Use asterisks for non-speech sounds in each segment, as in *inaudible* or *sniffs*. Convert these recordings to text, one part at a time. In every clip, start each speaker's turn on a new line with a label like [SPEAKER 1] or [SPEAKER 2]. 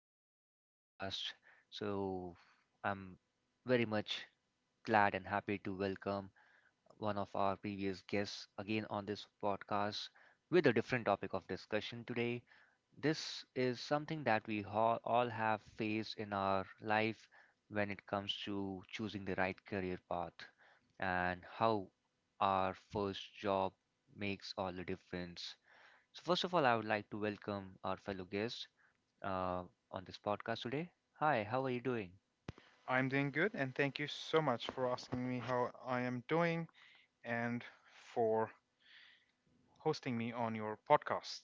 [SPEAKER 1] to another podcast. So, I'm very much glad and happy to welcome one of our previous guests again on this podcast with a different topic of discussion today. This is something that all have faced in our life when it comes to choosing the right career path and how our first job makes all the difference. So, first of all, I would like to welcome our fellow guest uh, on this podcast today. Hi, how are you doing?
[SPEAKER 2] I'm doing good, and thank you so much for asking me how I am doing and for hosting me on your podcast.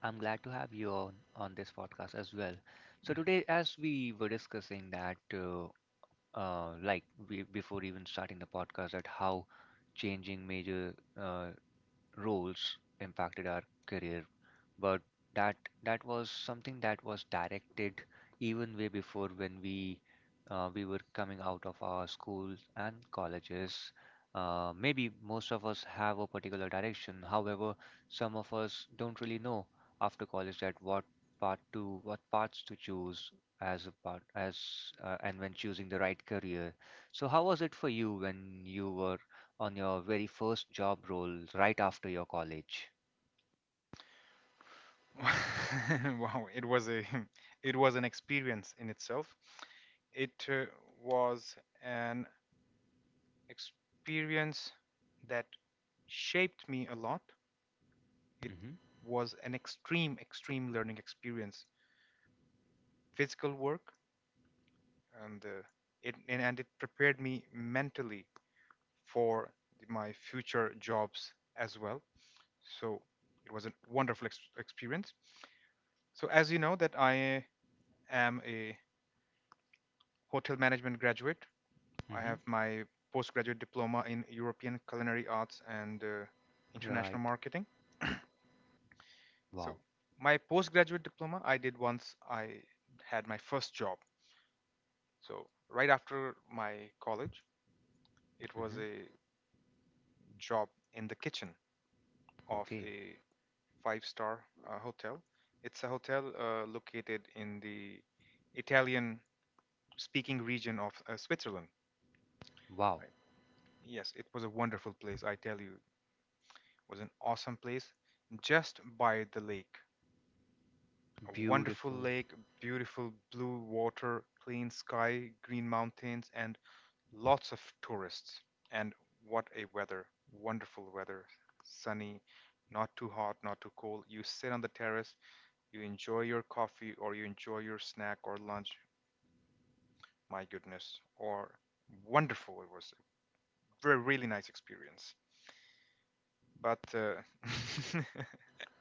[SPEAKER 1] I'm glad to have you on this podcast as well. So today, as we were discussing that, like before even starting the podcast, that how changing major uh, roles impacted our career, but that that was something that was directed even way before when we were coming out of our schools and colleges. Maybe most of us have a particular direction. However, some of us don't really know after college that what parts to choose as a part as and when choosing the right career. So how was it for you when you were on your very first job role right after your college?
[SPEAKER 2] *laughs* Wow, it was a *laughs* it was an experience in itself. It was an experience that shaped me a lot. It
[SPEAKER 1] Mm-hmm.
[SPEAKER 2] was an extreme learning experience, physical work, and uh, and it prepared me mentally for my future jobs as well. So it was a wonderful experience. So as you know that I am a hotel management graduate. I
[SPEAKER 1] Mm-hmm.
[SPEAKER 2] have my postgraduate diploma in European culinary arts and international
[SPEAKER 1] Right.
[SPEAKER 2] marketing. So
[SPEAKER 1] Wow.
[SPEAKER 2] my postgraduate diploma I did once I had my first job. So right after my college, it was
[SPEAKER 1] Mm-hmm.
[SPEAKER 2] a job in the kitchen of
[SPEAKER 1] Okay.
[SPEAKER 2] a five star hotel. It's a hotel located in the Italian speaking region of Switzerland.
[SPEAKER 1] Wow.
[SPEAKER 2] Right. Yes, it was a wonderful place. I tell you, it was an awesome place just by the lake. A wonderful
[SPEAKER 1] Beautiful.
[SPEAKER 2] lake, beautiful blue water, clean sky, green mountains, and lots of tourists. And what a weather! Wonderful weather. Sunny, not too hot, not too cold. You sit on the terrace, you enjoy your coffee or you enjoy your snack or lunch. My goodness, or wonderful. It was a really nice experience. But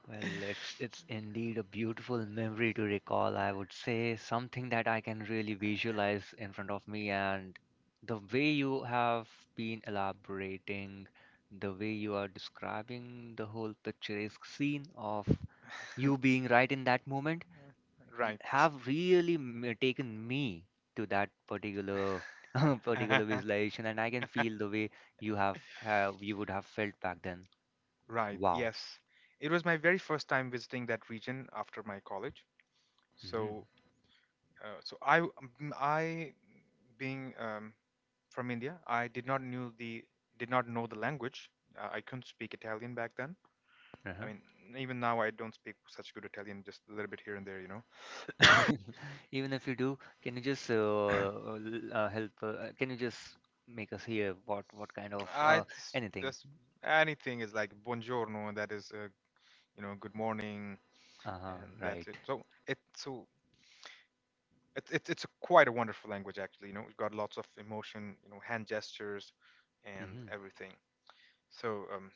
[SPEAKER 1] Well, it's indeed a beautiful memory to recall, I would say, something that I can really visualize in front of me, and the way you have been elaborating, the way you are describing the whole picturesque scene of you
[SPEAKER 2] *laughs*
[SPEAKER 1] being right in that moment
[SPEAKER 2] right.
[SPEAKER 1] have really taken me to that particular *laughs* particular
[SPEAKER 2] *laughs*
[SPEAKER 1] visualization, and I can feel the way you would have felt back then.
[SPEAKER 2] Right,
[SPEAKER 1] Wow.
[SPEAKER 2] yes. It was my very first time visiting that region after my college.
[SPEAKER 1] Hmm.
[SPEAKER 2] So, so I being from India, I did not know the language. I couldn't speak Italian back then. I
[SPEAKER 1] Uh-huh.
[SPEAKER 2] mean, even now I don't speak such good Italian, just a little bit here and there, you know.
[SPEAKER 1] *laughs* Even if you do, can you just help? Can you just make us hear what kind of anything?
[SPEAKER 2] Just anything is like buongiorno, and that is, you know, good morning,
[SPEAKER 1] Uh-huh.
[SPEAKER 2] and that's
[SPEAKER 1] Right.
[SPEAKER 2] it. So it, so it, it's a quite a wonderful language actually. You know, it's got lots of emotion, you know, hand gestures, and
[SPEAKER 1] Mm-hmm.
[SPEAKER 2] everything. So um,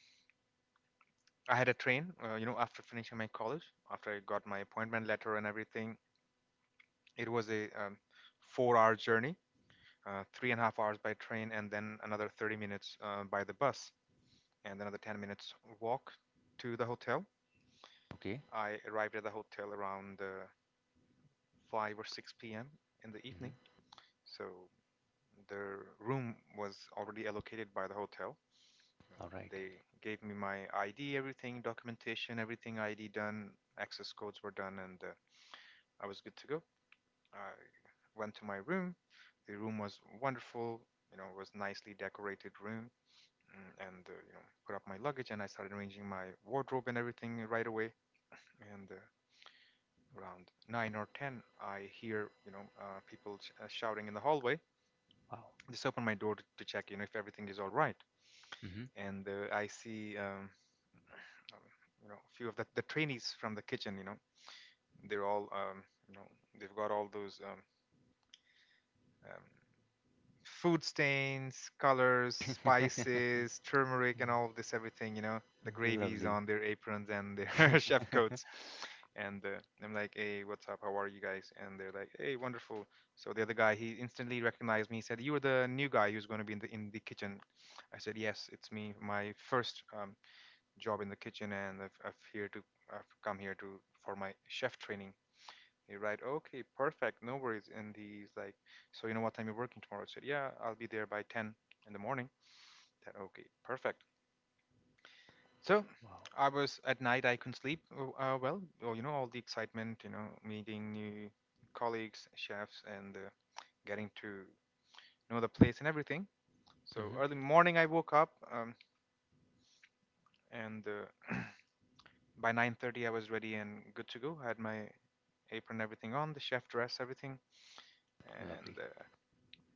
[SPEAKER 2] I had a train, you know, after finishing my college, after I got my appointment letter and everything. It was a four-hour journey, 3.5 hours by train, and then another 30 minutes by the bus, and another 10 minutes walk to the hotel.
[SPEAKER 1] Okay.
[SPEAKER 2] I arrived at the hotel around 5 or 6 p.m. in the evening.
[SPEAKER 1] Mm-hmm.
[SPEAKER 2] So the room was already allocated by the hotel. You know,
[SPEAKER 1] All right.
[SPEAKER 2] they gave me my ID, everything, documentation, everything ID done, access codes were done, and I was good to go. I went to my room. The room was wonderful, you know, it was nicely decorated room. Mm, And you know, put up my luggage, and I started arranging my wardrobe and everything right away. And around 9 or 10, I hear you know people shouting in the hallway.
[SPEAKER 1] Wow.
[SPEAKER 2] Just open my door to check, you know, if everything is all right.
[SPEAKER 1] Mm-hmm.
[SPEAKER 2] And I see, um, you know, a few of the trainees from the kitchen. You know, they're all, um, you know, they've got all those um, food stains, colors, spices, turmeric, and all this everything. You know, the
[SPEAKER 1] *laughs*
[SPEAKER 2] gravies
[SPEAKER 1] Lovely.
[SPEAKER 2] on their aprons and their *laughs* chef coats.
[SPEAKER 1] *laughs*
[SPEAKER 2] And I'm like, "Hey, what's up? How are you guys?" And they're like, "Hey, wonderful." So the other guy, he instantly recognized me. He said, "You were the new guy who's going to be in the kitchen." I said, "Yes, it's me. My first job in the kitchen, and I've come here to for my chef training." They write, okay, perfect, no worries. And he's like, so you know what time you're working tomorrow? I said, yeah, I'll be there by 10 in the morning. That okay, perfect. So
[SPEAKER 1] Wow.
[SPEAKER 2] I was at night. I couldn't sleep. Well, you know, all the excitement, you know, meeting new colleagues, chefs, and getting to know the place and everything. So
[SPEAKER 1] Mm-hmm.
[SPEAKER 2] early morning, I woke up, and *clears throat* by 9:30, I was ready and good to go. I had my apron, everything on, the chef dress, everything, and
[SPEAKER 1] Lovely.
[SPEAKER 2] uh,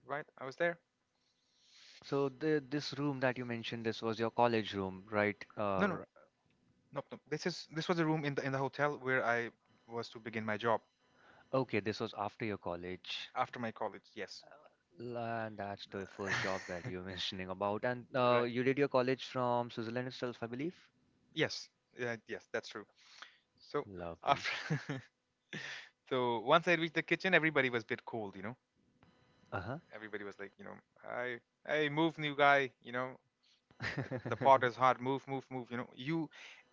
[SPEAKER 2] right, I was there.
[SPEAKER 1] So this room that you mentioned, this was your college room, right?
[SPEAKER 2] No, no. Nope, nope. This is this was a room in the hotel where I was to begin my job
[SPEAKER 1] Okay, this was after your college.
[SPEAKER 2] after my college. Yes.
[SPEAKER 1] And that's the first job that
[SPEAKER 2] *laughs*
[SPEAKER 1] you're *laughs* mentioning about. And
[SPEAKER 2] Right.
[SPEAKER 1] you did your college from Switzerland itself, I believe.
[SPEAKER 2] Yes. Yeah, yes, that's true. So
[SPEAKER 1] Lovely.
[SPEAKER 2] after *laughs* so once I reached the kitchen, everybody was a bit cold, you know.
[SPEAKER 1] Uh-huh.
[SPEAKER 2] Everybody was like, you know, I hey, move new guy, you know. The pot
[SPEAKER 1] *laughs*
[SPEAKER 2] is hot. Move, move, move. You know, you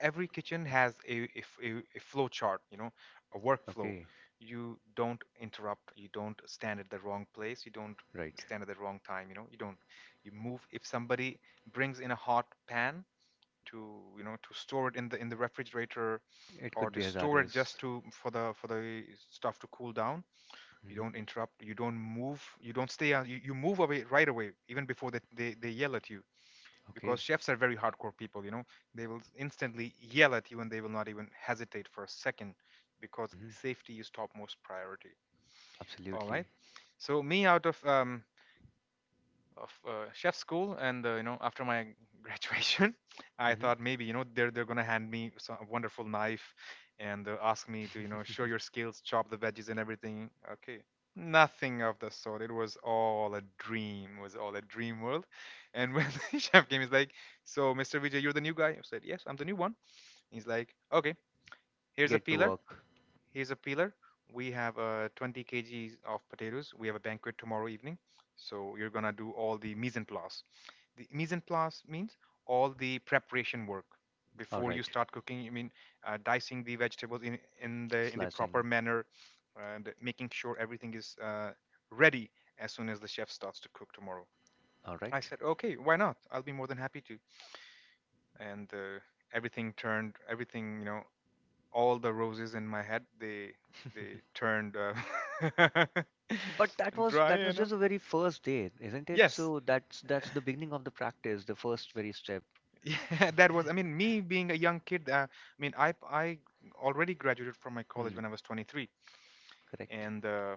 [SPEAKER 2] every kitchen has a, f- a, a flow chart. You know, a workflow.
[SPEAKER 1] Okay.
[SPEAKER 2] You don't interrupt. You don't stand at the wrong place. You don't
[SPEAKER 1] Right.
[SPEAKER 2] stand at the wrong time. You know, you don't. You move. If somebody brings in a hot pan to you know to store it in the refrigerator
[SPEAKER 1] It
[SPEAKER 2] or
[SPEAKER 1] could be
[SPEAKER 2] to store it just
[SPEAKER 1] hazardous.
[SPEAKER 2] to for the stuff to cool down, you
[SPEAKER 1] Hmm.
[SPEAKER 2] don't interrupt, you don't move, you don't stay on you move away right away even before they yell at you, because
[SPEAKER 1] Okay.
[SPEAKER 2] chefs are very hardcore people, you know, they will instantly yell at you and they will not even hesitate for a second, because
[SPEAKER 1] Hmm.
[SPEAKER 2] safety is topmost priority. All right.
[SPEAKER 1] Absolutely.
[SPEAKER 2] So me out of chef school and you know after my *laughs* graduation I
[SPEAKER 1] Hmm.
[SPEAKER 2] thought maybe you know they're gonna hand me a wonderful knife and ask me to you know show
[SPEAKER 1] *laughs*
[SPEAKER 2] your skills, chop the veggies and everything, okay, nothing of the sort. It was all a dream, it was all a dream world. And when *laughs* the chef came he's like, so Mr. Vijay, you're the new guy. I said, yes, I'm the new one. He's like, okay, here's a
[SPEAKER 1] Get to
[SPEAKER 2] peeler.
[SPEAKER 1] work.
[SPEAKER 2] Here's a peeler. We have 20 kgs of potatoes. We have a banquet tomorrow evening. So you're going to do all the mise en place. The mise en place means all the preparation work
[SPEAKER 1] All
[SPEAKER 2] before you
[SPEAKER 1] right.
[SPEAKER 2] start cooking. I mean, dicing the vegetables in the proper
[SPEAKER 1] Slashing.
[SPEAKER 2] manner and making sure everything is ready as soon as the chef starts to cook tomorrow.
[SPEAKER 1] All
[SPEAKER 2] I
[SPEAKER 1] right.
[SPEAKER 2] said, okay, why not? I'll be more than happy to. And everything turned, everything, you know, all the roses in my head, they
[SPEAKER 1] *laughs*
[SPEAKER 2] turned
[SPEAKER 1] But that
[SPEAKER 2] *laughs*
[SPEAKER 1] was
[SPEAKER 2] dry
[SPEAKER 1] that was
[SPEAKER 2] and
[SPEAKER 1] just the very first day, isn't it?
[SPEAKER 2] yes,
[SPEAKER 1] So that's the beginning of the practice, the first very step.
[SPEAKER 2] *laughs* yeah, that was I mean, me being a young kid, I mean, I already graduated from my college
[SPEAKER 1] Hmm,
[SPEAKER 2] when I was 23,
[SPEAKER 1] correct.
[SPEAKER 2] and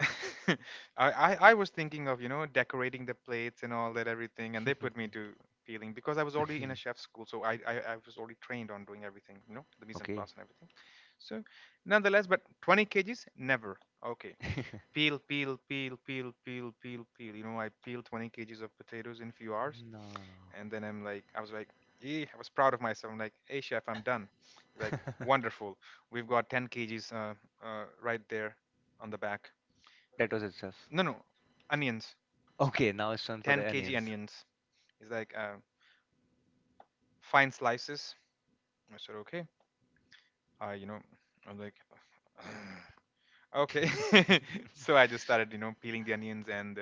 [SPEAKER 2] *laughs* I was thinking of you know decorating the plates and all that everything, and they put me
[SPEAKER 1] *laughs*
[SPEAKER 2] to peeling, because I was already in a chef's school, so I was already trained on doing everything, you know, the mise en
[SPEAKER 1] Okay.
[SPEAKER 2] place and everything. So nonetheless, but 20 kgs, never, okay,
[SPEAKER 1] *laughs*
[SPEAKER 2] peel, peel, peel, peel, peel, peel, peel. You know, I peeled 20 kgs of potatoes in a few hours.
[SPEAKER 1] No.
[SPEAKER 2] And then I was like, yeah, I was proud of myself. I'm like, hey, chef, I'm done. He's like,
[SPEAKER 1] *laughs*
[SPEAKER 2] wonderful. We've got 10 kgs right there on the back.
[SPEAKER 1] That was itself.
[SPEAKER 2] No, no, onions.
[SPEAKER 1] Okay, now it's time for the
[SPEAKER 2] 10 kg
[SPEAKER 1] onions.
[SPEAKER 2] onions. It's like fine slices. I said, okay. You know, I'm like, *sighs* *clears throat* okay. *laughs* So I just
[SPEAKER 1] *laughs*
[SPEAKER 2] started, you know, peeling the onions.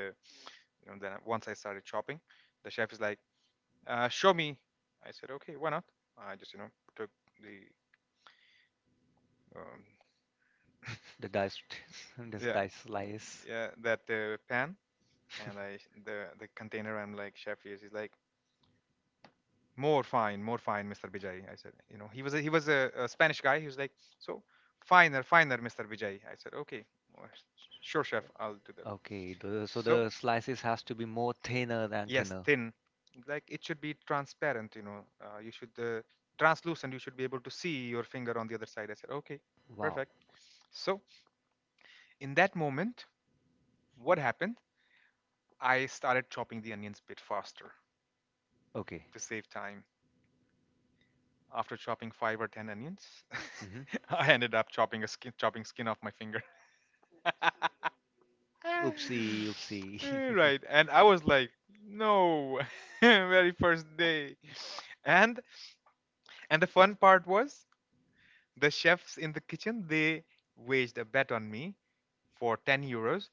[SPEAKER 2] You know, then once I started chopping, the chef is like, show me. I said, okay, why not? I just, you know, took the, um,
[SPEAKER 1] The diced, *laughs*
[SPEAKER 2] *laughs*
[SPEAKER 1] this
[SPEAKER 2] yeah,
[SPEAKER 1] diced slice.
[SPEAKER 2] yeah, that pan and
[SPEAKER 1] *laughs*
[SPEAKER 2] I the container. I'm like, chef, he's like, more fine, Mr. Vijay. I said, you know, he was a Spanish guy. He was like, so finer, finer, Mr. Vijay. I said, okay, well, sure, chef, I'll do that.
[SPEAKER 1] Okay, so
[SPEAKER 2] So
[SPEAKER 1] the slices has to be more thinner than
[SPEAKER 2] yes,
[SPEAKER 1] thinner.
[SPEAKER 2] thin, like it should be transparent. You know, you should translucent. You should be able to see your finger on the other side. I said, okay,
[SPEAKER 1] Wow.
[SPEAKER 2] perfect. So in that moment, what happened? I started chopping the onions a bit faster
[SPEAKER 1] Okay.
[SPEAKER 2] to save time. After chopping 5 or 10 onions,
[SPEAKER 1] Mm-hmm.
[SPEAKER 2] *laughs* I ended up chopping a skin, chopping skin off my finger. *laughs*
[SPEAKER 1] Oopsie, oopsie.
[SPEAKER 2] Right,
[SPEAKER 1] *laughs*
[SPEAKER 2] and I was like, no, *laughs* very first day. And and the fun part was the chefs in the kitchen they waged a bet on me for €10,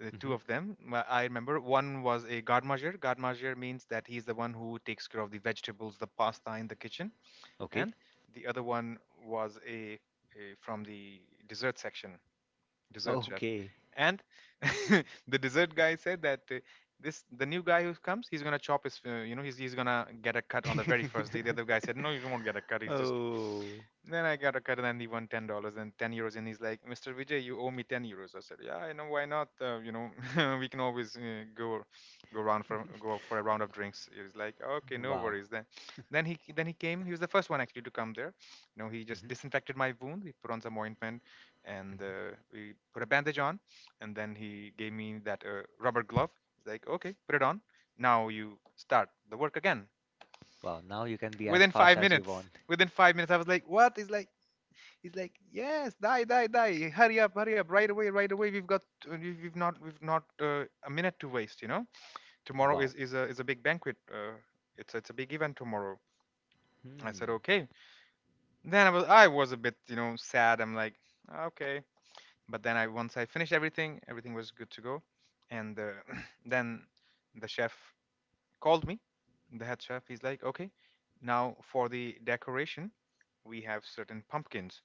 [SPEAKER 2] the
[SPEAKER 1] Mm-hmm.
[SPEAKER 2] two of them. Well, I remember one was a gardener. Means that he's the one who takes care of the vegetables, the pasta in the kitchen.
[SPEAKER 1] Okay.
[SPEAKER 2] And the other one was a from the dessert section, dessert chef.
[SPEAKER 1] Okay.
[SPEAKER 2] And *laughs* the dessert guy said that this the new guy who comes, he's gonna chop his he's gonna get a cut on the very first day. The other guy said,
[SPEAKER 1] *laughs*
[SPEAKER 2] no, you won't get a cut, he's just—
[SPEAKER 1] Oh.
[SPEAKER 2] *sniffs* Then I got a cut, and then he won $10 and €10, and he's like, "Mr. Vijay, you owe me €10." I said, "Yeah, I know, why not? *laughs* We can always go go for a
[SPEAKER 1] *laughs*
[SPEAKER 2] round of drinks." He's like, "Okay, no
[SPEAKER 1] Wow.
[SPEAKER 2] worries then." Then he— came. He was the first one actually to come there, you know. He just
[SPEAKER 1] Hmm.
[SPEAKER 2] disinfected my wound, he put on some ointment, and
[SPEAKER 1] Hmm.
[SPEAKER 2] we put a bandage on. And then he gave me that rubber glove. He's like, "Okay, put it on, now you start the work again."
[SPEAKER 1] Wow. Now you can be as
[SPEAKER 2] within
[SPEAKER 1] fast
[SPEAKER 2] five
[SPEAKER 1] as you
[SPEAKER 2] minutes
[SPEAKER 1] want.
[SPEAKER 2] within 5 minutes I was like, what? He's like "Yes, die, die, die, hurry up, hurry up, right away, right away, we've got we've not a minute to waste, you know. Tomorrow
[SPEAKER 1] Wow.
[SPEAKER 2] is a big banquet, it's— a big event tomorrow." I said,
[SPEAKER 1] Hmm.
[SPEAKER 2] okay. Then I was— I was a bit, you know, sad. I'm like, okay. But then, I once I finished everything, everything was good to go. And *clears throat* then the chef called me, the head chef. He's like, "Okay, now for the decoration, we have certain pumpkins.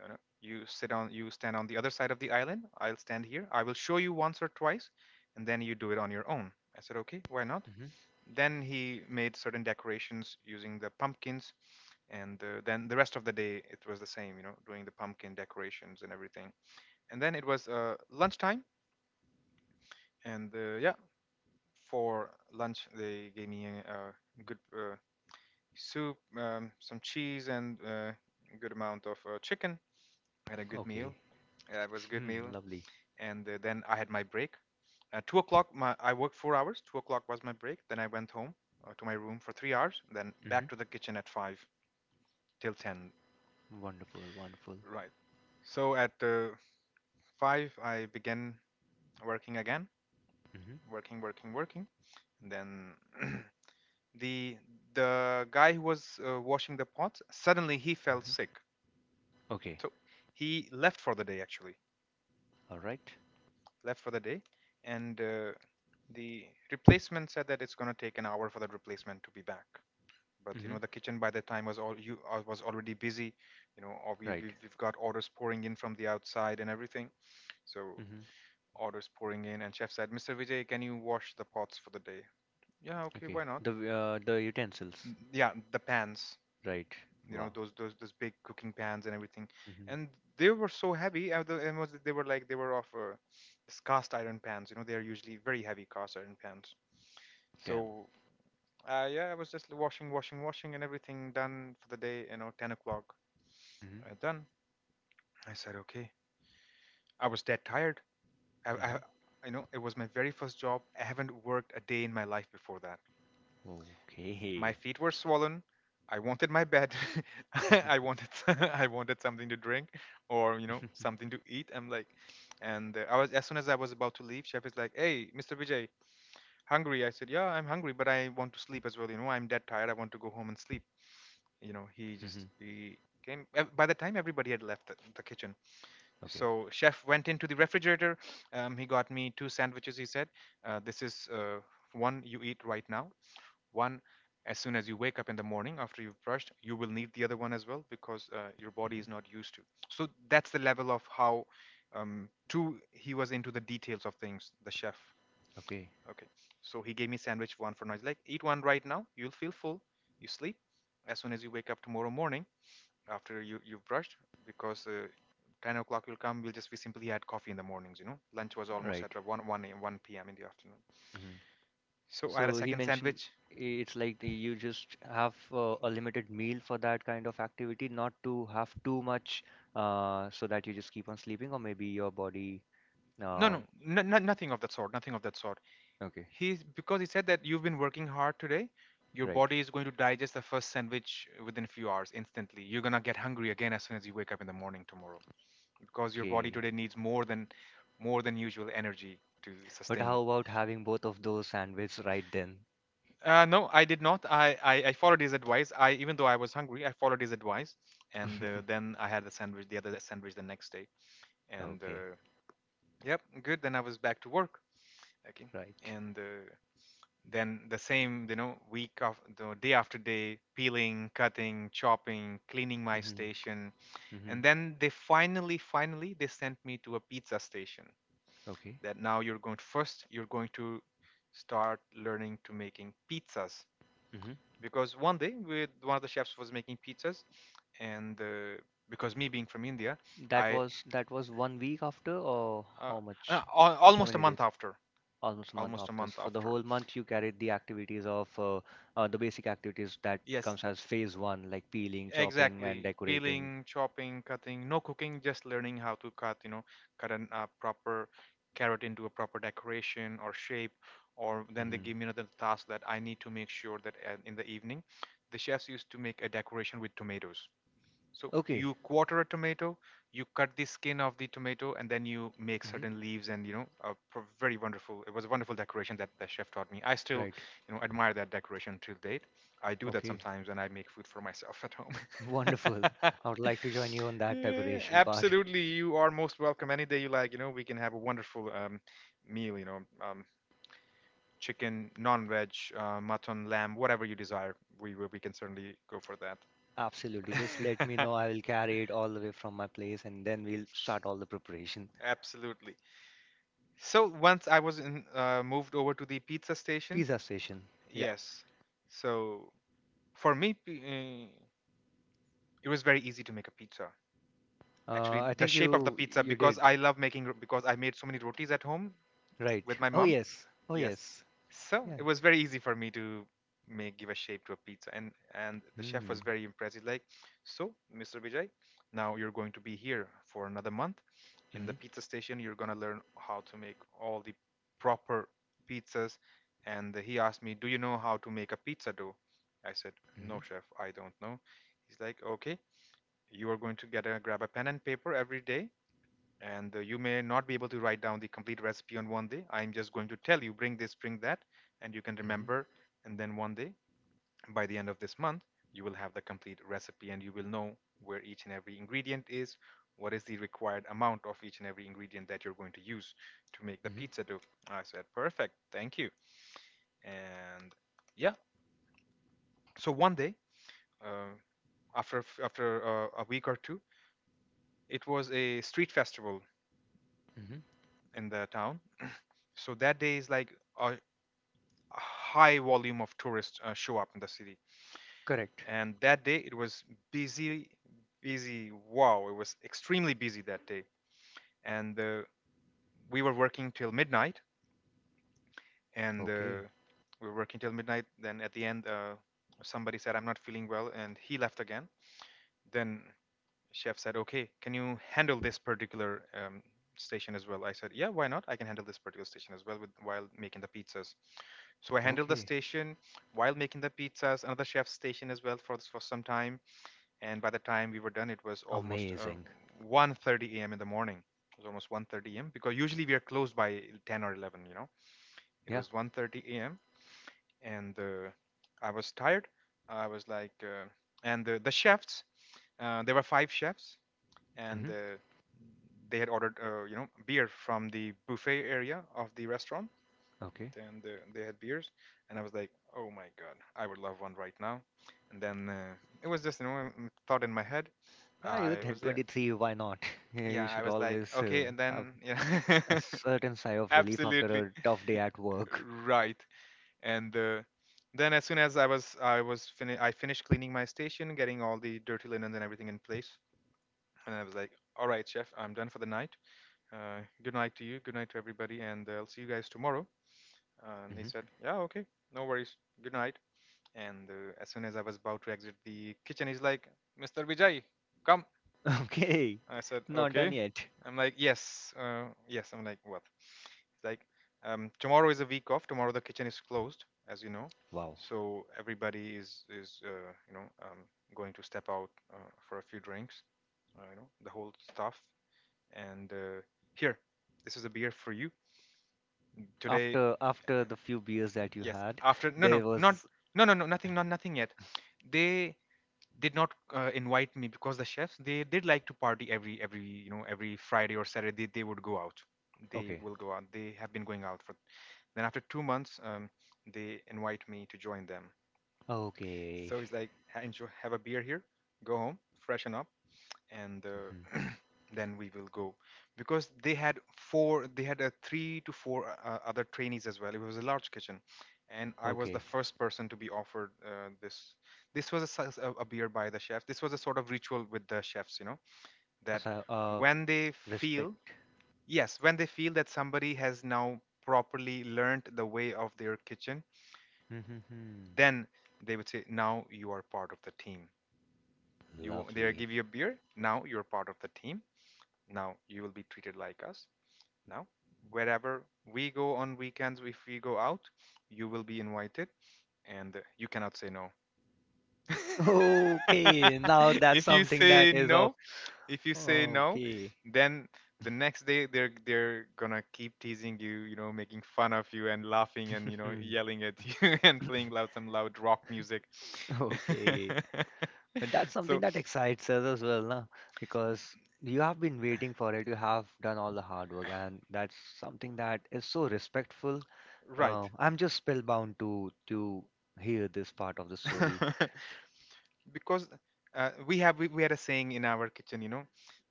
[SPEAKER 2] You know, you sit on— you stand on the other side of the island. I'll stand here. I will show you once or twice, and then you do it on your own." I said, okay, why not?
[SPEAKER 1] Hmm.
[SPEAKER 2] Then he made certain decorations using the pumpkins, and then the rest of the day it was the same. You know, doing the pumpkin decorations and everything. And then it was lunchtime. And yeah, for lunch they gave me a good soup, some cheese, and a good amount of chicken. I had a good meal.
[SPEAKER 1] Okay.
[SPEAKER 2] Yeah, it was a good
[SPEAKER 1] Hmm.
[SPEAKER 2] meal.
[SPEAKER 1] Lovely.
[SPEAKER 2] And then I had my break at 2 o'clock. I worked 4 hours. 2 o'clock was my break. Then I went home, to my room, for 3 hours. Then back
[SPEAKER 1] Hmm.
[SPEAKER 2] to the kitchen at 5 till 10.
[SPEAKER 1] Wonderful. Wonderful.
[SPEAKER 2] Right, so at 5 I began working again.
[SPEAKER 1] Hmm. Hmm.
[SPEAKER 2] Working, working, working. And then *clears throat* the the guy who was washing the pots, suddenly he fell sick.
[SPEAKER 1] Okay.
[SPEAKER 2] So he left for the day, actually.
[SPEAKER 1] All right.
[SPEAKER 2] Left for the day. And the replacement said that it's going to take an hour for that replacement to be back. But, you
[SPEAKER 1] Mm-hmm.
[SPEAKER 2] know, the kitchen by that time was all— you was already busy, you know. Or
[SPEAKER 1] Right.
[SPEAKER 2] we've got orders pouring in from the outside and everything. So
[SPEAKER 1] Mm-hmm.
[SPEAKER 2] orders pouring in, and chef said, "Mr. Vijay, can you wash the pots for the day?" Yeah, okay,
[SPEAKER 1] Okay.
[SPEAKER 2] why not.
[SPEAKER 1] The utensils.
[SPEAKER 2] Yeah, the pans,
[SPEAKER 1] Right.
[SPEAKER 2] you know,
[SPEAKER 1] Wow.
[SPEAKER 2] those big cooking pans and everything.
[SPEAKER 1] Mm-hmm.
[SPEAKER 2] And they were so heavy. The- and was They were like— they were of this cast iron pans, you know, they are usually very heavy cast iron pans.
[SPEAKER 1] Damn.
[SPEAKER 2] So yeah, I was just washing, washing, washing, and everything done for the day, you know. 10 o'clock,
[SPEAKER 1] Mm-hmm.
[SPEAKER 2] done. I said okay. I was dead tired. I—
[SPEAKER 1] Mm-hmm.
[SPEAKER 2] you know, it was my very first job, I haven't worked a day in my life before that. My
[SPEAKER 1] Okay.
[SPEAKER 2] feet were swollen. I wanted my bed. *laughs* I wanted *laughs* I wanted something to drink, or, you know,
[SPEAKER 1] *laughs*
[SPEAKER 2] something to eat. I'm like— And I was— as soon as I was about to leave, chef is like, "Hey, Mr. Vijay, hungry?" I said, "Yeah, I'm hungry, but I want to sleep as well. You know, I'm dead tired. I want to go home and sleep." You know, he
[SPEAKER 1] Mm-hmm.
[SPEAKER 2] just— he came. By the time everybody had left the kitchen,
[SPEAKER 1] Okay.
[SPEAKER 2] so chef went into the refrigerator. He got me two sandwiches. He said, "This is one you eat right now, one as soon as you wake up in the morning after you've brushed, you will need the other one as well, because your body
[SPEAKER 1] Mm-hmm.
[SPEAKER 2] is not used to." So that's the level of how two he was into the details of things. The chef.
[SPEAKER 1] Okay.
[SPEAKER 2] Okay. So he gave me sandwich one for now. He's like, "Eat one right now. You'll feel full. You sleep. As soon as you wake up tomorrow morning after you've brushed, because 10 o'clock will come." We simply had coffee in the mornings, you know. Lunch was almost at
[SPEAKER 1] Right.
[SPEAKER 2] one p.m in the afternoon.
[SPEAKER 1] Mm-hmm.
[SPEAKER 2] So I had a
[SPEAKER 1] So he
[SPEAKER 2] second
[SPEAKER 1] mentioned
[SPEAKER 2] sandwich.
[SPEAKER 1] it's like you just have a limited meal for that kind of activity, not to have too much so that you just keep on sleeping, or maybe your body.
[SPEAKER 2] No,
[SPEAKER 1] Uh,
[SPEAKER 2] no, nothing of that sort. Nothing of that sort.
[SPEAKER 1] okay,
[SPEAKER 2] He's because he said that, "You've been working hard today. Your
[SPEAKER 1] right.
[SPEAKER 2] body is going to digest the first sandwich within a few hours instantly. You're gonna get hungry again as soon as you wake up in the morning tomorrow, because your body
[SPEAKER 1] Okay.
[SPEAKER 2] today needs more than— more than usual energy to
[SPEAKER 1] But
[SPEAKER 2] sustain."
[SPEAKER 1] how about having both of those sandwiches right then?
[SPEAKER 2] No, I did not. I followed his advice. I— even though I was hungry, I followed his advice. And
[SPEAKER 1] *laughs*
[SPEAKER 2] then I had the sandwich, the other sandwich, the next day. And
[SPEAKER 1] Okay,
[SPEAKER 2] yep, good. Then I was back to work. Okay,
[SPEAKER 1] right.
[SPEAKER 2] and then the same, you know, week of the day after day, peeling, cutting, chopping, cleaning my
[SPEAKER 1] Mm-hmm.
[SPEAKER 2] station.
[SPEAKER 1] Mm-hmm.
[SPEAKER 2] And then they finally— they sent me to a pizza station.
[SPEAKER 1] Okay.
[SPEAKER 2] "That now you're going— first, you're going to start learning to making pizzas."
[SPEAKER 1] Mm-hmm.
[SPEAKER 2] Because one day, with one of the chefs was making pizzas, and because me being from India,
[SPEAKER 1] That
[SPEAKER 2] I—
[SPEAKER 1] was that was 1 week after, or
[SPEAKER 2] uh,
[SPEAKER 1] how much? How
[SPEAKER 2] almost a
[SPEAKER 1] many
[SPEAKER 2] month
[SPEAKER 1] days?
[SPEAKER 2] after.
[SPEAKER 1] Almost a month
[SPEAKER 2] Almost a
[SPEAKER 1] after. So
[SPEAKER 2] month
[SPEAKER 1] for the
[SPEAKER 2] after,
[SPEAKER 1] whole month, you carried the activities of the basic activities that
[SPEAKER 2] yes.
[SPEAKER 1] comes as phase one, like peeling, chopping, and
[SPEAKER 2] Exactly.
[SPEAKER 1] decorating.
[SPEAKER 2] Peeling, chopping, cutting, no cooking, just learning how to cut, you know, cut an proper carrot into a proper decoration or shape. Or then they
[SPEAKER 1] Hmm.
[SPEAKER 2] give me another task that I need to make sure that in the evening, the chefs used to make a decoration with tomatoes. So
[SPEAKER 1] Okay.
[SPEAKER 2] you quarter a tomato, you cut the skin of the tomato, and then you make
[SPEAKER 1] Hmm.
[SPEAKER 2] certain leaves, and, you know, a very wonderful— it was a wonderful decoration that the chef taught me. I still,
[SPEAKER 1] Right.
[SPEAKER 2] you know, admire that decoration till date. I do that
[SPEAKER 1] Okay.
[SPEAKER 2] sometimes when I make food for myself at
[SPEAKER 1] *laughs* Wonderful.
[SPEAKER 2] home.
[SPEAKER 1] I would
[SPEAKER 2] *laughs*
[SPEAKER 1] like to join you on that
[SPEAKER 2] Yeah,
[SPEAKER 1] decoration part.
[SPEAKER 2] absolutely, you are most welcome any day you like. You know, we can have a wonderful meal. You know, chicken, non-veg, mutton, lamb, whatever you desire. We will. We can certainly go for
[SPEAKER 1] Absolutely. Just let me
[SPEAKER 2] that.
[SPEAKER 1] know. I will carry it all the way from my place, and then we'll start all the preparation.
[SPEAKER 2] *laughs* Absolutely. So once I was in— moved over to the pizza station,
[SPEAKER 1] Pizza station. Yeah.
[SPEAKER 2] yes. So for me, it was very easy to make a pizza. Actually,
[SPEAKER 1] I
[SPEAKER 2] the
[SPEAKER 1] think
[SPEAKER 2] shape of the
[SPEAKER 1] you
[SPEAKER 2] pizza,
[SPEAKER 1] you
[SPEAKER 2] because
[SPEAKER 1] did.
[SPEAKER 2] I love making because I made so many rotis at home
[SPEAKER 1] Right.
[SPEAKER 2] with my
[SPEAKER 1] Oh
[SPEAKER 2] mom.
[SPEAKER 1] yes. Oh
[SPEAKER 2] Yes.
[SPEAKER 1] yes.
[SPEAKER 2] So
[SPEAKER 1] Yeah.
[SPEAKER 2] it was very easy for me to make give a shape to a pizza. And the chef
[SPEAKER 1] Mm-hmm.
[SPEAKER 2] was very impressed. He's like, "So, Mr. Vijay, now you're going to be here for another month. In the
[SPEAKER 1] Mm-hmm.
[SPEAKER 2] pizza station, you're going to learn how to make all the proper pizzas." And he asked me, "Do you know how to make a pizza dough?" I said,
[SPEAKER 1] Mm-hmm.
[SPEAKER 2] "No, chef, I don't know." He's like, "Okay, you are going to get a grab a pen and paper every day, and you may not be able to write down the complete recipe on one day. I'm just going to tell you, bring this, bring that, and you can remember. And then one day, by the end of this month, you will have the complete recipe, and you will know where each and every ingredient is, what is the required amount of each and every ingredient that you're going to use to make the pizza dough." I said, "Perfect, thank you." And yeah, so one day, uh, after a after a week or two, it was a street festival
[SPEAKER 1] Mm-hmm.
[SPEAKER 2] in the town. So that day is like a— high volume of tourists show up in the city.
[SPEAKER 1] Correct.
[SPEAKER 2] And that day it was busy, busy. Wow, it was extremely busy that day. And we were working till midnight, and uh,
[SPEAKER 1] Okay.
[SPEAKER 2] we were working till midnight. Then at the end, somebody said, "I'm not feeling well," and he left again. Then Chef said, "Okay, can you handle this particular station as well?" I said, "Yeah, why not? I can handle this particular station as well with— while making the pizzas." So I handled the
[SPEAKER 1] Okay.
[SPEAKER 2] station while making the pizzas, another chef's station as well, for some time. And by the time we were done, it was almost
[SPEAKER 1] Amazing.
[SPEAKER 2] 1:30 a.m. in the morning. It was almost 1:30 a.m. because usually we are closed by 10 or 11. You know, it
[SPEAKER 1] Yeah.
[SPEAKER 2] was 1:30 a.m. and I was tired. I was like, and the chefs, there were five chefs and
[SPEAKER 1] Hmm.
[SPEAKER 2] they had ordered beer from the buffet area of the restaurant,
[SPEAKER 1] Okay.
[SPEAKER 2] and they had beers, and I was like, oh my god, I would love one right now. And then it was just a thought in my head.
[SPEAKER 1] Yeah,
[SPEAKER 2] I
[SPEAKER 1] you're 10,
[SPEAKER 2] was there.
[SPEAKER 1] 23, why not? *laughs* Yeah, you
[SPEAKER 2] Yeah, I
[SPEAKER 1] should
[SPEAKER 2] was like,
[SPEAKER 1] always
[SPEAKER 2] okay, and
[SPEAKER 1] have
[SPEAKER 2] then yeah.
[SPEAKER 1] a certain sigh
[SPEAKER 2] *laughs*
[SPEAKER 1] of relief after
[SPEAKER 2] absolutely.
[SPEAKER 1] a tough day at work.
[SPEAKER 2] Right. And then, as soon as I finished cleaning my station, getting all the dirty linens and everything in place. And I was like, all right, chef, I'm done for the night. Good night to you. Good night to everybody. And I'll see you guys tomorrow. And he
[SPEAKER 1] Hmm.
[SPEAKER 2] said, yeah, okay. No worries. Good night. And as soon as I was about to exit the kitchen, he's like, Mr. Vijay, come.
[SPEAKER 1] *laughs* Okay,
[SPEAKER 2] I said,
[SPEAKER 1] not done
[SPEAKER 2] okay.
[SPEAKER 1] yet.
[SPEAKER 2] I'm like, yes. Yes. I'm like, what? He's like, tomorrow is a week off. Tomorrow the kitchen is closed, as you know.
[SPEAKER 1] Wow.
[SPEAKER 2] So everybody is going to step out for a few drinks, the whole stuff. And here, this is a beer for you today.
[SPEAKER 1] After after the few beers that you
[SPEAKER 2] Yes,
[SPEAKER 1] had,
[SPEAKER 2] after. No, no,
[SPEAKER 1] there
[SPEAKER 2] not.
[SPEAKER 1] was.
[SPEAKER 2] No, no, no, nothing. Not nothing yet. They did not invite me because the chefs, they did like to party every every friday or Saturday. They would go out. They
[SPEAKER 1] Okay.
[SPEAKER 2] will go out. They have been going out for. Then after 2 months, they invite me to join them.
[SPEAKER 1] Okay.
[SPEAKER 2] So it's like, enjoy, have a beer here, go home, freshen up, and
[SPEAKER 1] Hmm.
[SPEAKER 2] *clears throat* then we will go." Because they had four they had a three to four other trainees as well. It was a large kitchen, and I was the
[SPEAKER 1] Okay.
[SPEAKER 2] first person to be offered this. This was a, size- a beer by the chef. This was a sort of ritual with the chefs, you know, that
[SPEAKER 1] As I
[SPEAKER 2] when they feel
[SPEAKER 1] respect.
[SPEAKER 2] yes, when they feel that somebody has now properly learned the way of their kitchen,
[SPEAKER 1] Hmm.
[SPEAKER 2] then they would say, now you are part of the team. You They
[SPEAKER 1] Lovely.
[SPEAKER 2] give you a beer. Now you're part of the team. Now you will be treated like us. Now, wherever we go on weekends, if we go out, you will be invited, and you cannot say no.
[SPEAKER 1] *laughs* Okay, now
[SPEAKER 2] *laughs*
[SPEAKER 1] that's
[SPEAKER 2] if you
[SPEAKER 1] something
[SPEAKER 2] say
[SPEAKER 1] that is of.
[SPEAKER 2] no, if you say no,
[SPEAKER 1] Okay.
[SPEAKER 2] then the next day they're gonna keep teasing you, you know, making fun of you and laughing and
[SPEAKER 1] *laughs*
[SPEAKER 2] yelling at you *laughs* and playing loud some loud rock music.
[SPEAKER 1] Okay. But that's
[SPEAKER 2] *laughs*
[SPEAKER 1] something
[SPEAKER 2] so,
[SPEAKER 1] that excites us as well, na? Because you have been waiting for it, you have done all the hard work, and that's something that is so respectful.
[SPEAKER 2] right.
[SPEAKER 1] I'm just spellbound to hear this part of the story.
[SPEAKER 2] *laughs* because we had a saying in our kitchen, you know,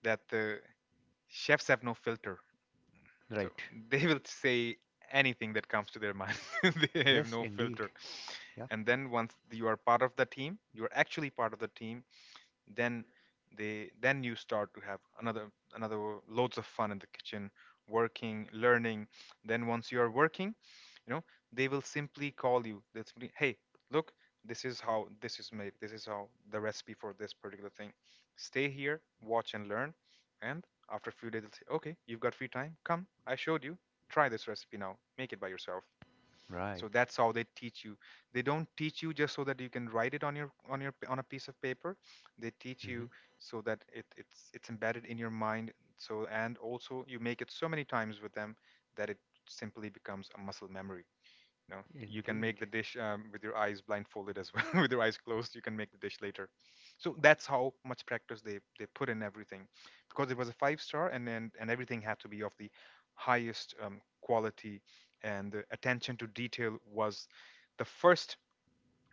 [SPEAKER 2] that chefs have no filter. So
[SPEAKER 1] Right.
[SPEAKER 2] *laughs* they will say anything that comes to their mind. *laughs* they have
[SPEAKER 1] Yes,
[SPEAKER 2] no
[SPEAKER 1] indeed.
[SPEAKER 2] filter.
[SPEAKER 1] Yep.
[SPEAKER 2] And then, once you are part of the team, you're actually part of the team. then then you start to have another loads of fun in the kitchen, working, learning. Then, once you are working, you know they will simply call you, they'll simply, hey, look, this is how, this is made, this is how the recipe for this particular thing. Stay here, watch, and learn. And after a few days, they'll say, okay, you've got free time, come, I showed you, try this recipe now, make it by yourself.
[SPEAKER 1] Right.
[SPEAKER 2] So that's how they teach you. They don't teach you just so that you can write it on your on a piece of paper. They teach
[SPEAKER 1] Hmm.
[SPEAKER 2] you so that it's embedded in your mind. So, and also, you make it so many times with them that it simply becomes a muscle memory. You know, you can make
[SPEAKER 1] Indeed.
[SPEAKER 2] the dish with your eyes blindfolded as well. *laughs* with your eyes closed, you can make the dish later. So that's how much practice they put in everything, because it was a five star, and everything had to be of the highest quality, and the attention to detail was the first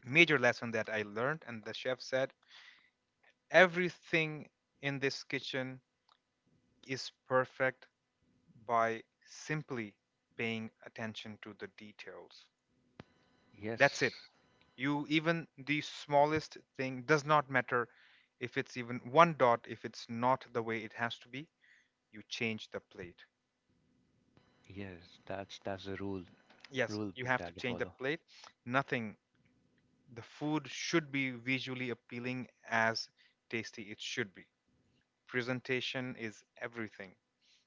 [SPEAKER 2] major lesson that I learned. And the chef said, everything in this kitchen is perfect by simply paying attention to the details. That's it.
[SPEAKER 1] Yes.
[SPEAKER 2] You Even the smallest thing does not matter. If it's even one dot, if it's not the way it has to be, you change the plate.
[SPEAKER 1] Yes. That's the
[SPEAKER 2] Yes,
[SPEAKER 1] rule
[SPEAKER 2] you
[SPEAKER 1] book
[SPEAKER 2] have to
[SPEAKER 1] that they
[SPEAKER 2] change the
[SPEAKER 1] follow.
[SPEAKER 2] plate. Nothing. The food should be visually appealing as tasty it should be. Presentation is everything.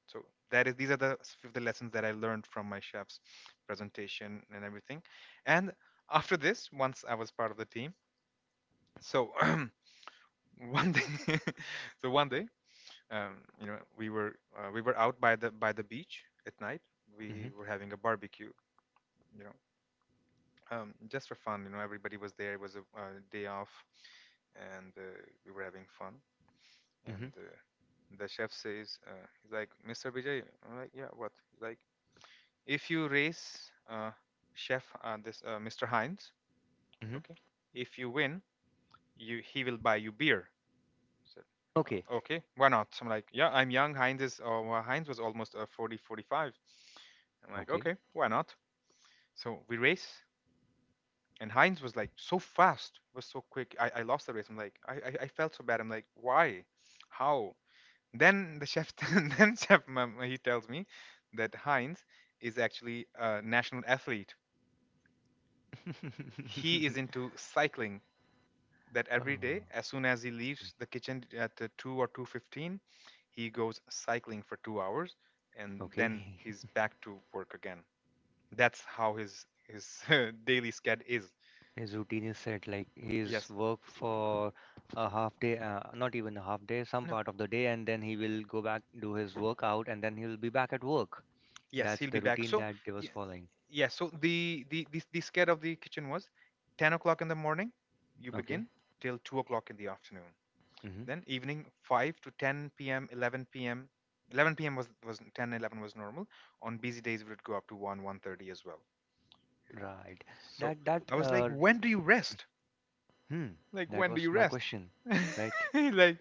[SPEAKER 2] So that is these are the lessons that I learned from my chef's, presentation and everything. And after this, once I was part of the team, so *clears throat* one day *laughs* so one day, you know, we were out by the beach at night.
[SPEAKER 1] Hmm.
[SPEAKER 2] We were having a barbecue, you know, just for fun. You know, everybody was there. It was a day off, and we were having fun.
[SPEAKER 1] Hmm.
[SPEAKER 2] And the chef says, he's like, Mr. Vijay. I'm like, yeah, what? He's like, if you race, chef, this Mr. Hines,
[SPEAKER 1] Hmm.
[SPEAKER 2] okay, if you win, you he will buy you beer. I said,
[SPEAKER 1] Okay.
[SPEAKER 2] Okay, why not?" I'm like, yeah, I'm young. Heinz is, well, Heinz was almost 40, 45. I'm like,
[SPEAKER 1] Okay.
[SPEAKER 2] okay, why not? So we race, and Heinz was like so fast, was so quick. I lost the race. I'm like, I felt so bad. I'm like, why? How? Then the chef, *laughs* then chef, he tells me that Heinz is actually a national athlete. He is
[SPEAKER 1] *laughs*
[SPEAKER 2] into cycling. That every
[SPEAKER 1] Oh,
[SPEAKER 2] day, as soon as he leaves
[SPEAKER 1] okay.
[SPEAKER 2] the kitchen at 2 or 2:15, he goes cycling for 2 hours, and then
[SPEAKER 1] Okay.
[SPEAKER 2] he's
[SPEAKER 1] *laughs*
[SPEAKER 2] back to work again. That's how his *laughs* daily sched is.
[SPEAKER 1] His routine is set. Like he's
[SPEAKER 2] Yes.
[SPEAKER 1] worked for a half day, not even a half day, some
[SPEAKER 2] No.
[SPEAKER 1] part of the day, and then he will go back, do his workout, and then he will be back at work.
[SPEAKER 2] Yes,
[SPEAKER 1] That's
[SPEAKER 2] he'll
[SPEAKER 1] the
[SPEAKER 2] be back.
[SPEAKER 1] routine
[SPEAKER 2] So,
[SPEAKER 1] that he was
[SPEAKER 2] y-
[SPEAKER 1] following.
[SPEAKER 2] yeah. So the scare of the kitchen was, 10 o'clock in the morning, you
[SPEAKER 1] Okay.
[SPEAKER 2] begin till 2 o'clock in the afternoon.
[SPEAKER 1] Mm-hmm.
[SPEAKER 2] Then evening 5 to 10 p.m., 11 p.m. 11 p.m. was 10, 11 was normal. On busy days, it would go up to 1, 1:30 as well.
[SPEAKER 1] Right.
[SPEAKER 2] So
[SPEAKER 1] That that
[SPEAKER 2] I was like,
[SPEAKER 1] uh
[SPEAKER 2] when do you rest?
[SPEAKER 1] Hmm.
[SPEAKER 2] Like,
[SPEAKER 1] That
[SPEAKER 2] when do
[SPEAKER 1] was
[SPEAKER 2] you
[SPEAKER 1] my
[SPEAKER 2] rest?
[SPEAKER 1] question. Right.
[SPEAKER 2] *laughs* like,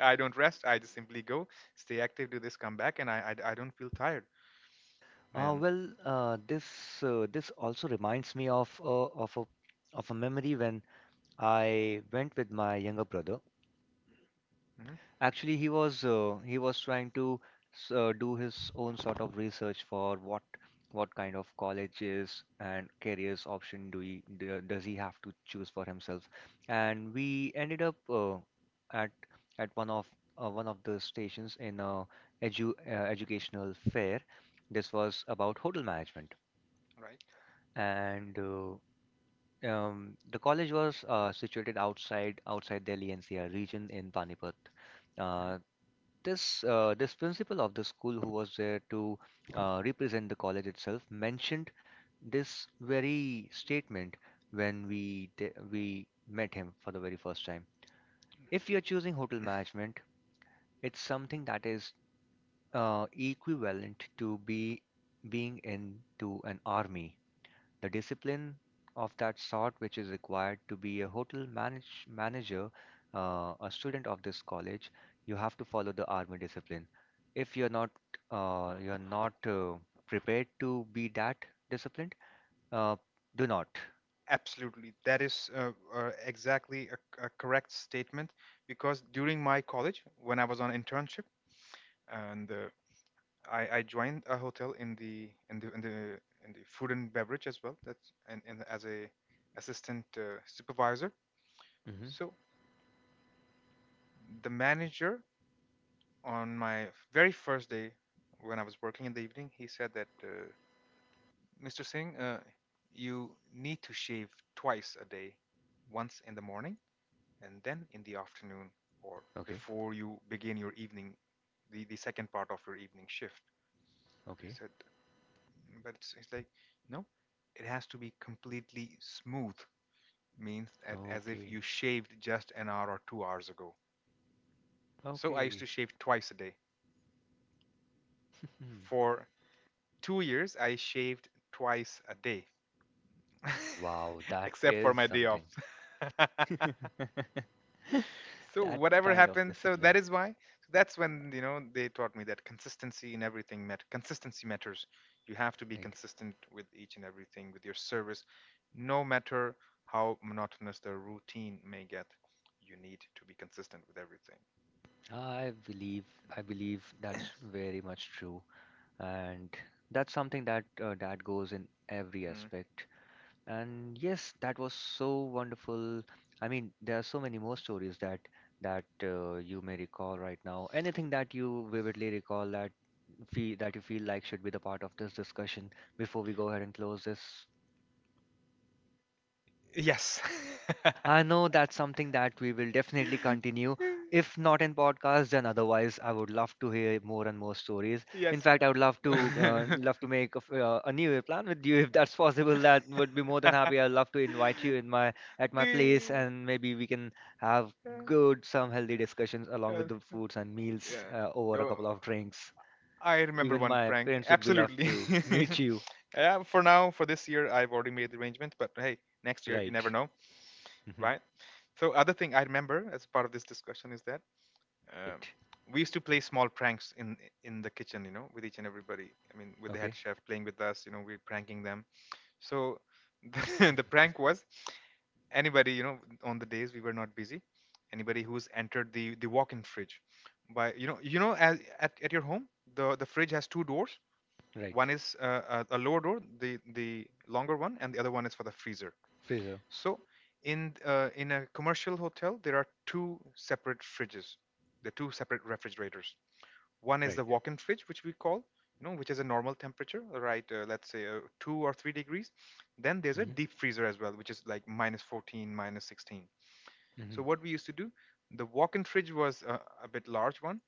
[SPEAKER 2] I don't rest. I just simply go, stay active, do this, come back, and I don't feel tired,
[SPEAKER 1] Uh
[SPEAKER 2] man.
[SPEAKER 1] well uh this this also reminds me of of a memory when I went with my younger brother.
[SPEAKER 2] Hmm.
[SPEAKER 1] Actually, he was trying to do his own sort of research for what kind of colleges and careers option does he have to choose for himself. And we ended up at at one of one of the stations in a educational fair. This was about hotel management,
[SPEAKER 2] Right.
[SPEAKER 1] and the college was situated outside Delhi NCR region in Panipat.
[SPEAKER 2] Mm-hmm.
[SPEAKER 1] Uh, this principal of the school who was there to represent the college itself mentioned this very statement when we met him for the very first time. If you're choosing hotel management, it's something that is equivalent to be being into an army, the discipline of that sort which is required to be a hotel manager, a student of this college, you have to follow the army discipline. If you're not you're not prepared to be that disciplined, uh, do not.
[SPEAKER 2] Absolutely. That is exactly a correct statement because during my college, when I was on internship, and I joined a hotel in the food and beverage as well. And as a assistant supervisor.
[SPEAKER 1] Hmm.
[SPEAKER 2] So the manager, on my very first day, when I was working in the evening, he said that Mr. Singh, you need to shave twice a day, once in the morning and then in the afternoon, or
[SPEAKER 1] Okay.
[SPEAKER 2] before you begin your evening, the second part of your evening shift. I
[SPEAKER 1] Okay.
[SPEAKER 2] said, "Mm, but it's like no, it has to be completely smooth, means that as if
[SPEAKER 1] Okay.
[SPEAKER 2] you shaved just an hour or 2 hours ago." So I used
[SPEAKER 1] Okay.
[SPEAKER 2] to shave twice a day.
[SPEAKER 1] *laughs*
[SPEAKER 2] For 2 years I shaved twice a day,
[SPEAKER 1] Wow,
[SPEAKER 2] *laughs*
[SPEAKER 1] that
[SPEAKER 2] except for
[SPEAKER 1] is
[SPEAKER 2] my day off.
[SPEAKER 1] something.
[SPEAKER 2] *laughs*
[SPEAKER 1] *laughs*
[SPEAKER 2] so
[SPEAKER 1] That
[SPEAKER 2] whatever
[SPEAKER 1] kind of
[SPEAKER 2] happened, so that
[SPEAKER 1] discipline,
[SPEAKER 2] is why, so that's when, you know, they taught me that consistency in everything matter, consistency matters. You have to be
[SPEAKER 1] right?
[SPEAKER 2] consistent with each and everything, with your service, no matter how monotonous the routine may get. You need to be consistent with everything.
[SPEAKER 1] I believe I believe that's very much true. And that's something that that goes in every
[SPEAKER 2] Mm.
[SPEAKER 1] aspect. And yes, that was so wonderful. I mean, there are so many more stories that that you may recall right now, anything that you vividly recall that you feel like should be the part of this discussion before we go ahead and close this.
[SPEAKER 2] Yes. *laughs*
[SPEAKER 1] I know that's something that we will definitely continue. If not in podcast, then otherwise, I would love to hear more and more stories. In
[SPEAKER 2] yes.
[SPEAKER 1] fact, I would love to make a New Year plan with you if that's *laughs* possible. That would be more than happy. I'd love to invite you in my at
[SPEAKER 2] *laughs*
[SPEAKER 1] my place,
[SPEAKER 2] the
[SPEAKER 1] and maybe we can have
[SPEAKER 2] Yeah.
[SPEAKER 1] good, some healthy discussions along with
[SPEAKER 2] Uh,
[SPEAKER 1] the foods and meals
[SPEAKER 2] yeah.
[SPEAKER 1] over a
[SPEAKER 2] Oh,
[SPEAKER 1] couple of drinks.
[SPEAKER 2] I remember
[SPEAKER 1] Even
[SPEAKER 2] one
[SPEAKER 1] my
[SPEAKER 2] prank.
[SPEAKER 1] parents would be love
[SPEAKER 2] Absolutely.
[SPEAKER 1] to *laughs* meet
[SPEAKER 2] *laughs*
[SPEAKER 1] you.
[SPEAKER 2] For now, for this year, I've already made the arrangement, but hey, next year, you
[SPEAKER 1] Right.
[SPEAKER 2] never know,
[SPEAKER 1] Hmm.
[SPEAKER 2] right? So, other thing I remember as part of this discussion is that, um,
[SPEAKER 1] Right.
[SPEAKER 2] we used to play small pranks in the kitchen, you know, with each and everybody. I mean, with the head
[SPEAKER 1] Okay.
[SPEAKER 2] chef playing with us, you know, we're pranking them. So, *laughs* the prank was, anybody, you know, on the days we were not busy, anybody who's entered the walk-in fridge by, as, at your home, the fridge has two doors.
[SPEAKER 1] Right.
[SPEAKER 2] One is a lower door, the longer one, and the other one is for the freezer.
[SPEAKER 1] Freezer.
[SPEAKER 2] So in a commercial hotel, there are two separate fridges, the two separate refrigerators. One is
[SPEAKER 1] Right.
[SPEAKER 2] the walk-in fridge, which we call, you know, which is a normal temperature, right, let's say, 2 or 3 degrees. Then there's a
[SPEAKER 1] Hmm.
[SPEAKER 2] deep freezer as well, which is like minus 14, minus 16. So
[SPEAKER 1] Hmm.
[SPEAKER 2] what we used to do, the walk-in fridge was a bit large one,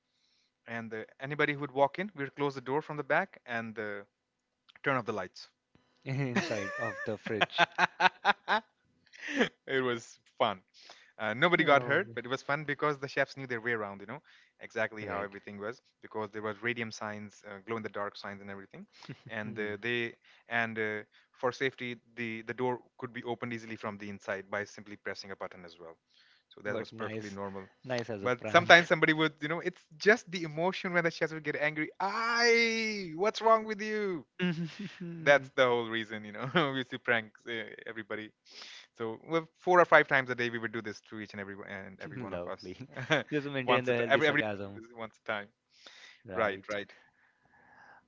[SPEAKER 2] and anybody who would walk in, we'd close the door from the back and turn off the lights.
[SPEAKER 1] *laughs* Inside of the fridge.
[SPEAKER 2] *laughs* it was fun. Nobody got
[SPEAKER 1] Oh,
[SPEAKER 2] hurt, but it was fun because the chefs knew their way around, you know, exactly how
[SPEAKER 1] right.
[SPEAKER 2] everything was, because there was radium signs, glow in the dark signs, and everything. And
[SPEAKER 1] *laughs*
[SPEAKER 2] they and For safety, the door could be opened easily from the inside by simply pressing a button as well. So that
[SPEAKER 1] But
[SPEAKER 2] was perfectly
[SPEAKER 1] nice,
[SPEAKER 2] normal.
[SPEAKER 1] nice as a
[SPEAKER 2] But sometimes
[SPEAKER 1] prank.
[SPEAKER 2] somebody would, you know, it's just the emotion when the chefs would get angry. What's wrong with you?
[SPEAKER 1] *laughs*
[SPEAKER 2] That's the whole reason, you know, *laughs* we used to prank everybody. So, well, four or five times a day we would do this to each and every one of us.
[SPEAKER 1] Lovely. Just
[SPEAKER 2] *laughs*
[SPEAKER 1] maintain
[SPEAKER 2] once
[SPEAKER 1] the healthy
[SPEAKER 2] everybody
[SPEAKER 1] sarcasm.
[SPEAKER 2] was once a time. Right,
[SPEAKER 1] Right.
[SPEAKER 2] right.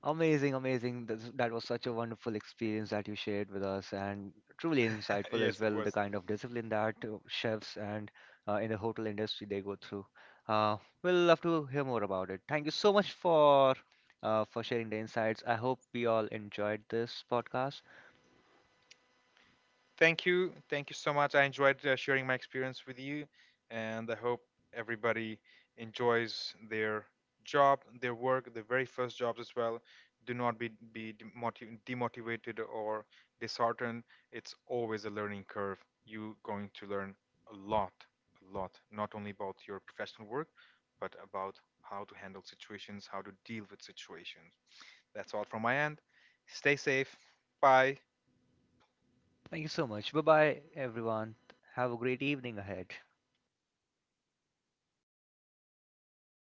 [SPEAKER 1] Amazing, amazing. This, that was such a wonderful experience that you shared with us, and truly
[SPEAKER 2] *laughs*
[SPEAKER 1] insightful as
[SPEAKER 2] yes, it
[SPEAKER 1] well. The
[SPEAKER 2] was.
[SPEAKER 1] kind of discipline that chefs and in the hotel industry they go through. Uh, we'll love to hear more about it. Thank you so much for sharing the insights. I hope we all enjoyed this podcast.
[SPEAKER 2] Thank you. Thank you so much. I enjoyed sharing my experience with you, and I hope everybody enjoys their job, their work, their very first jobs as well. Do not be demotivated or disheartened. It's always a learning curve. You are going to learn a lot, a lot, not only about your professional work, but about how to handle situations, how to deal with situations. That's all from my end. Stay safe. Bye.
[SPEAKER 1] Thank you so much. Bye bye, everyone. Have a great evening ahead.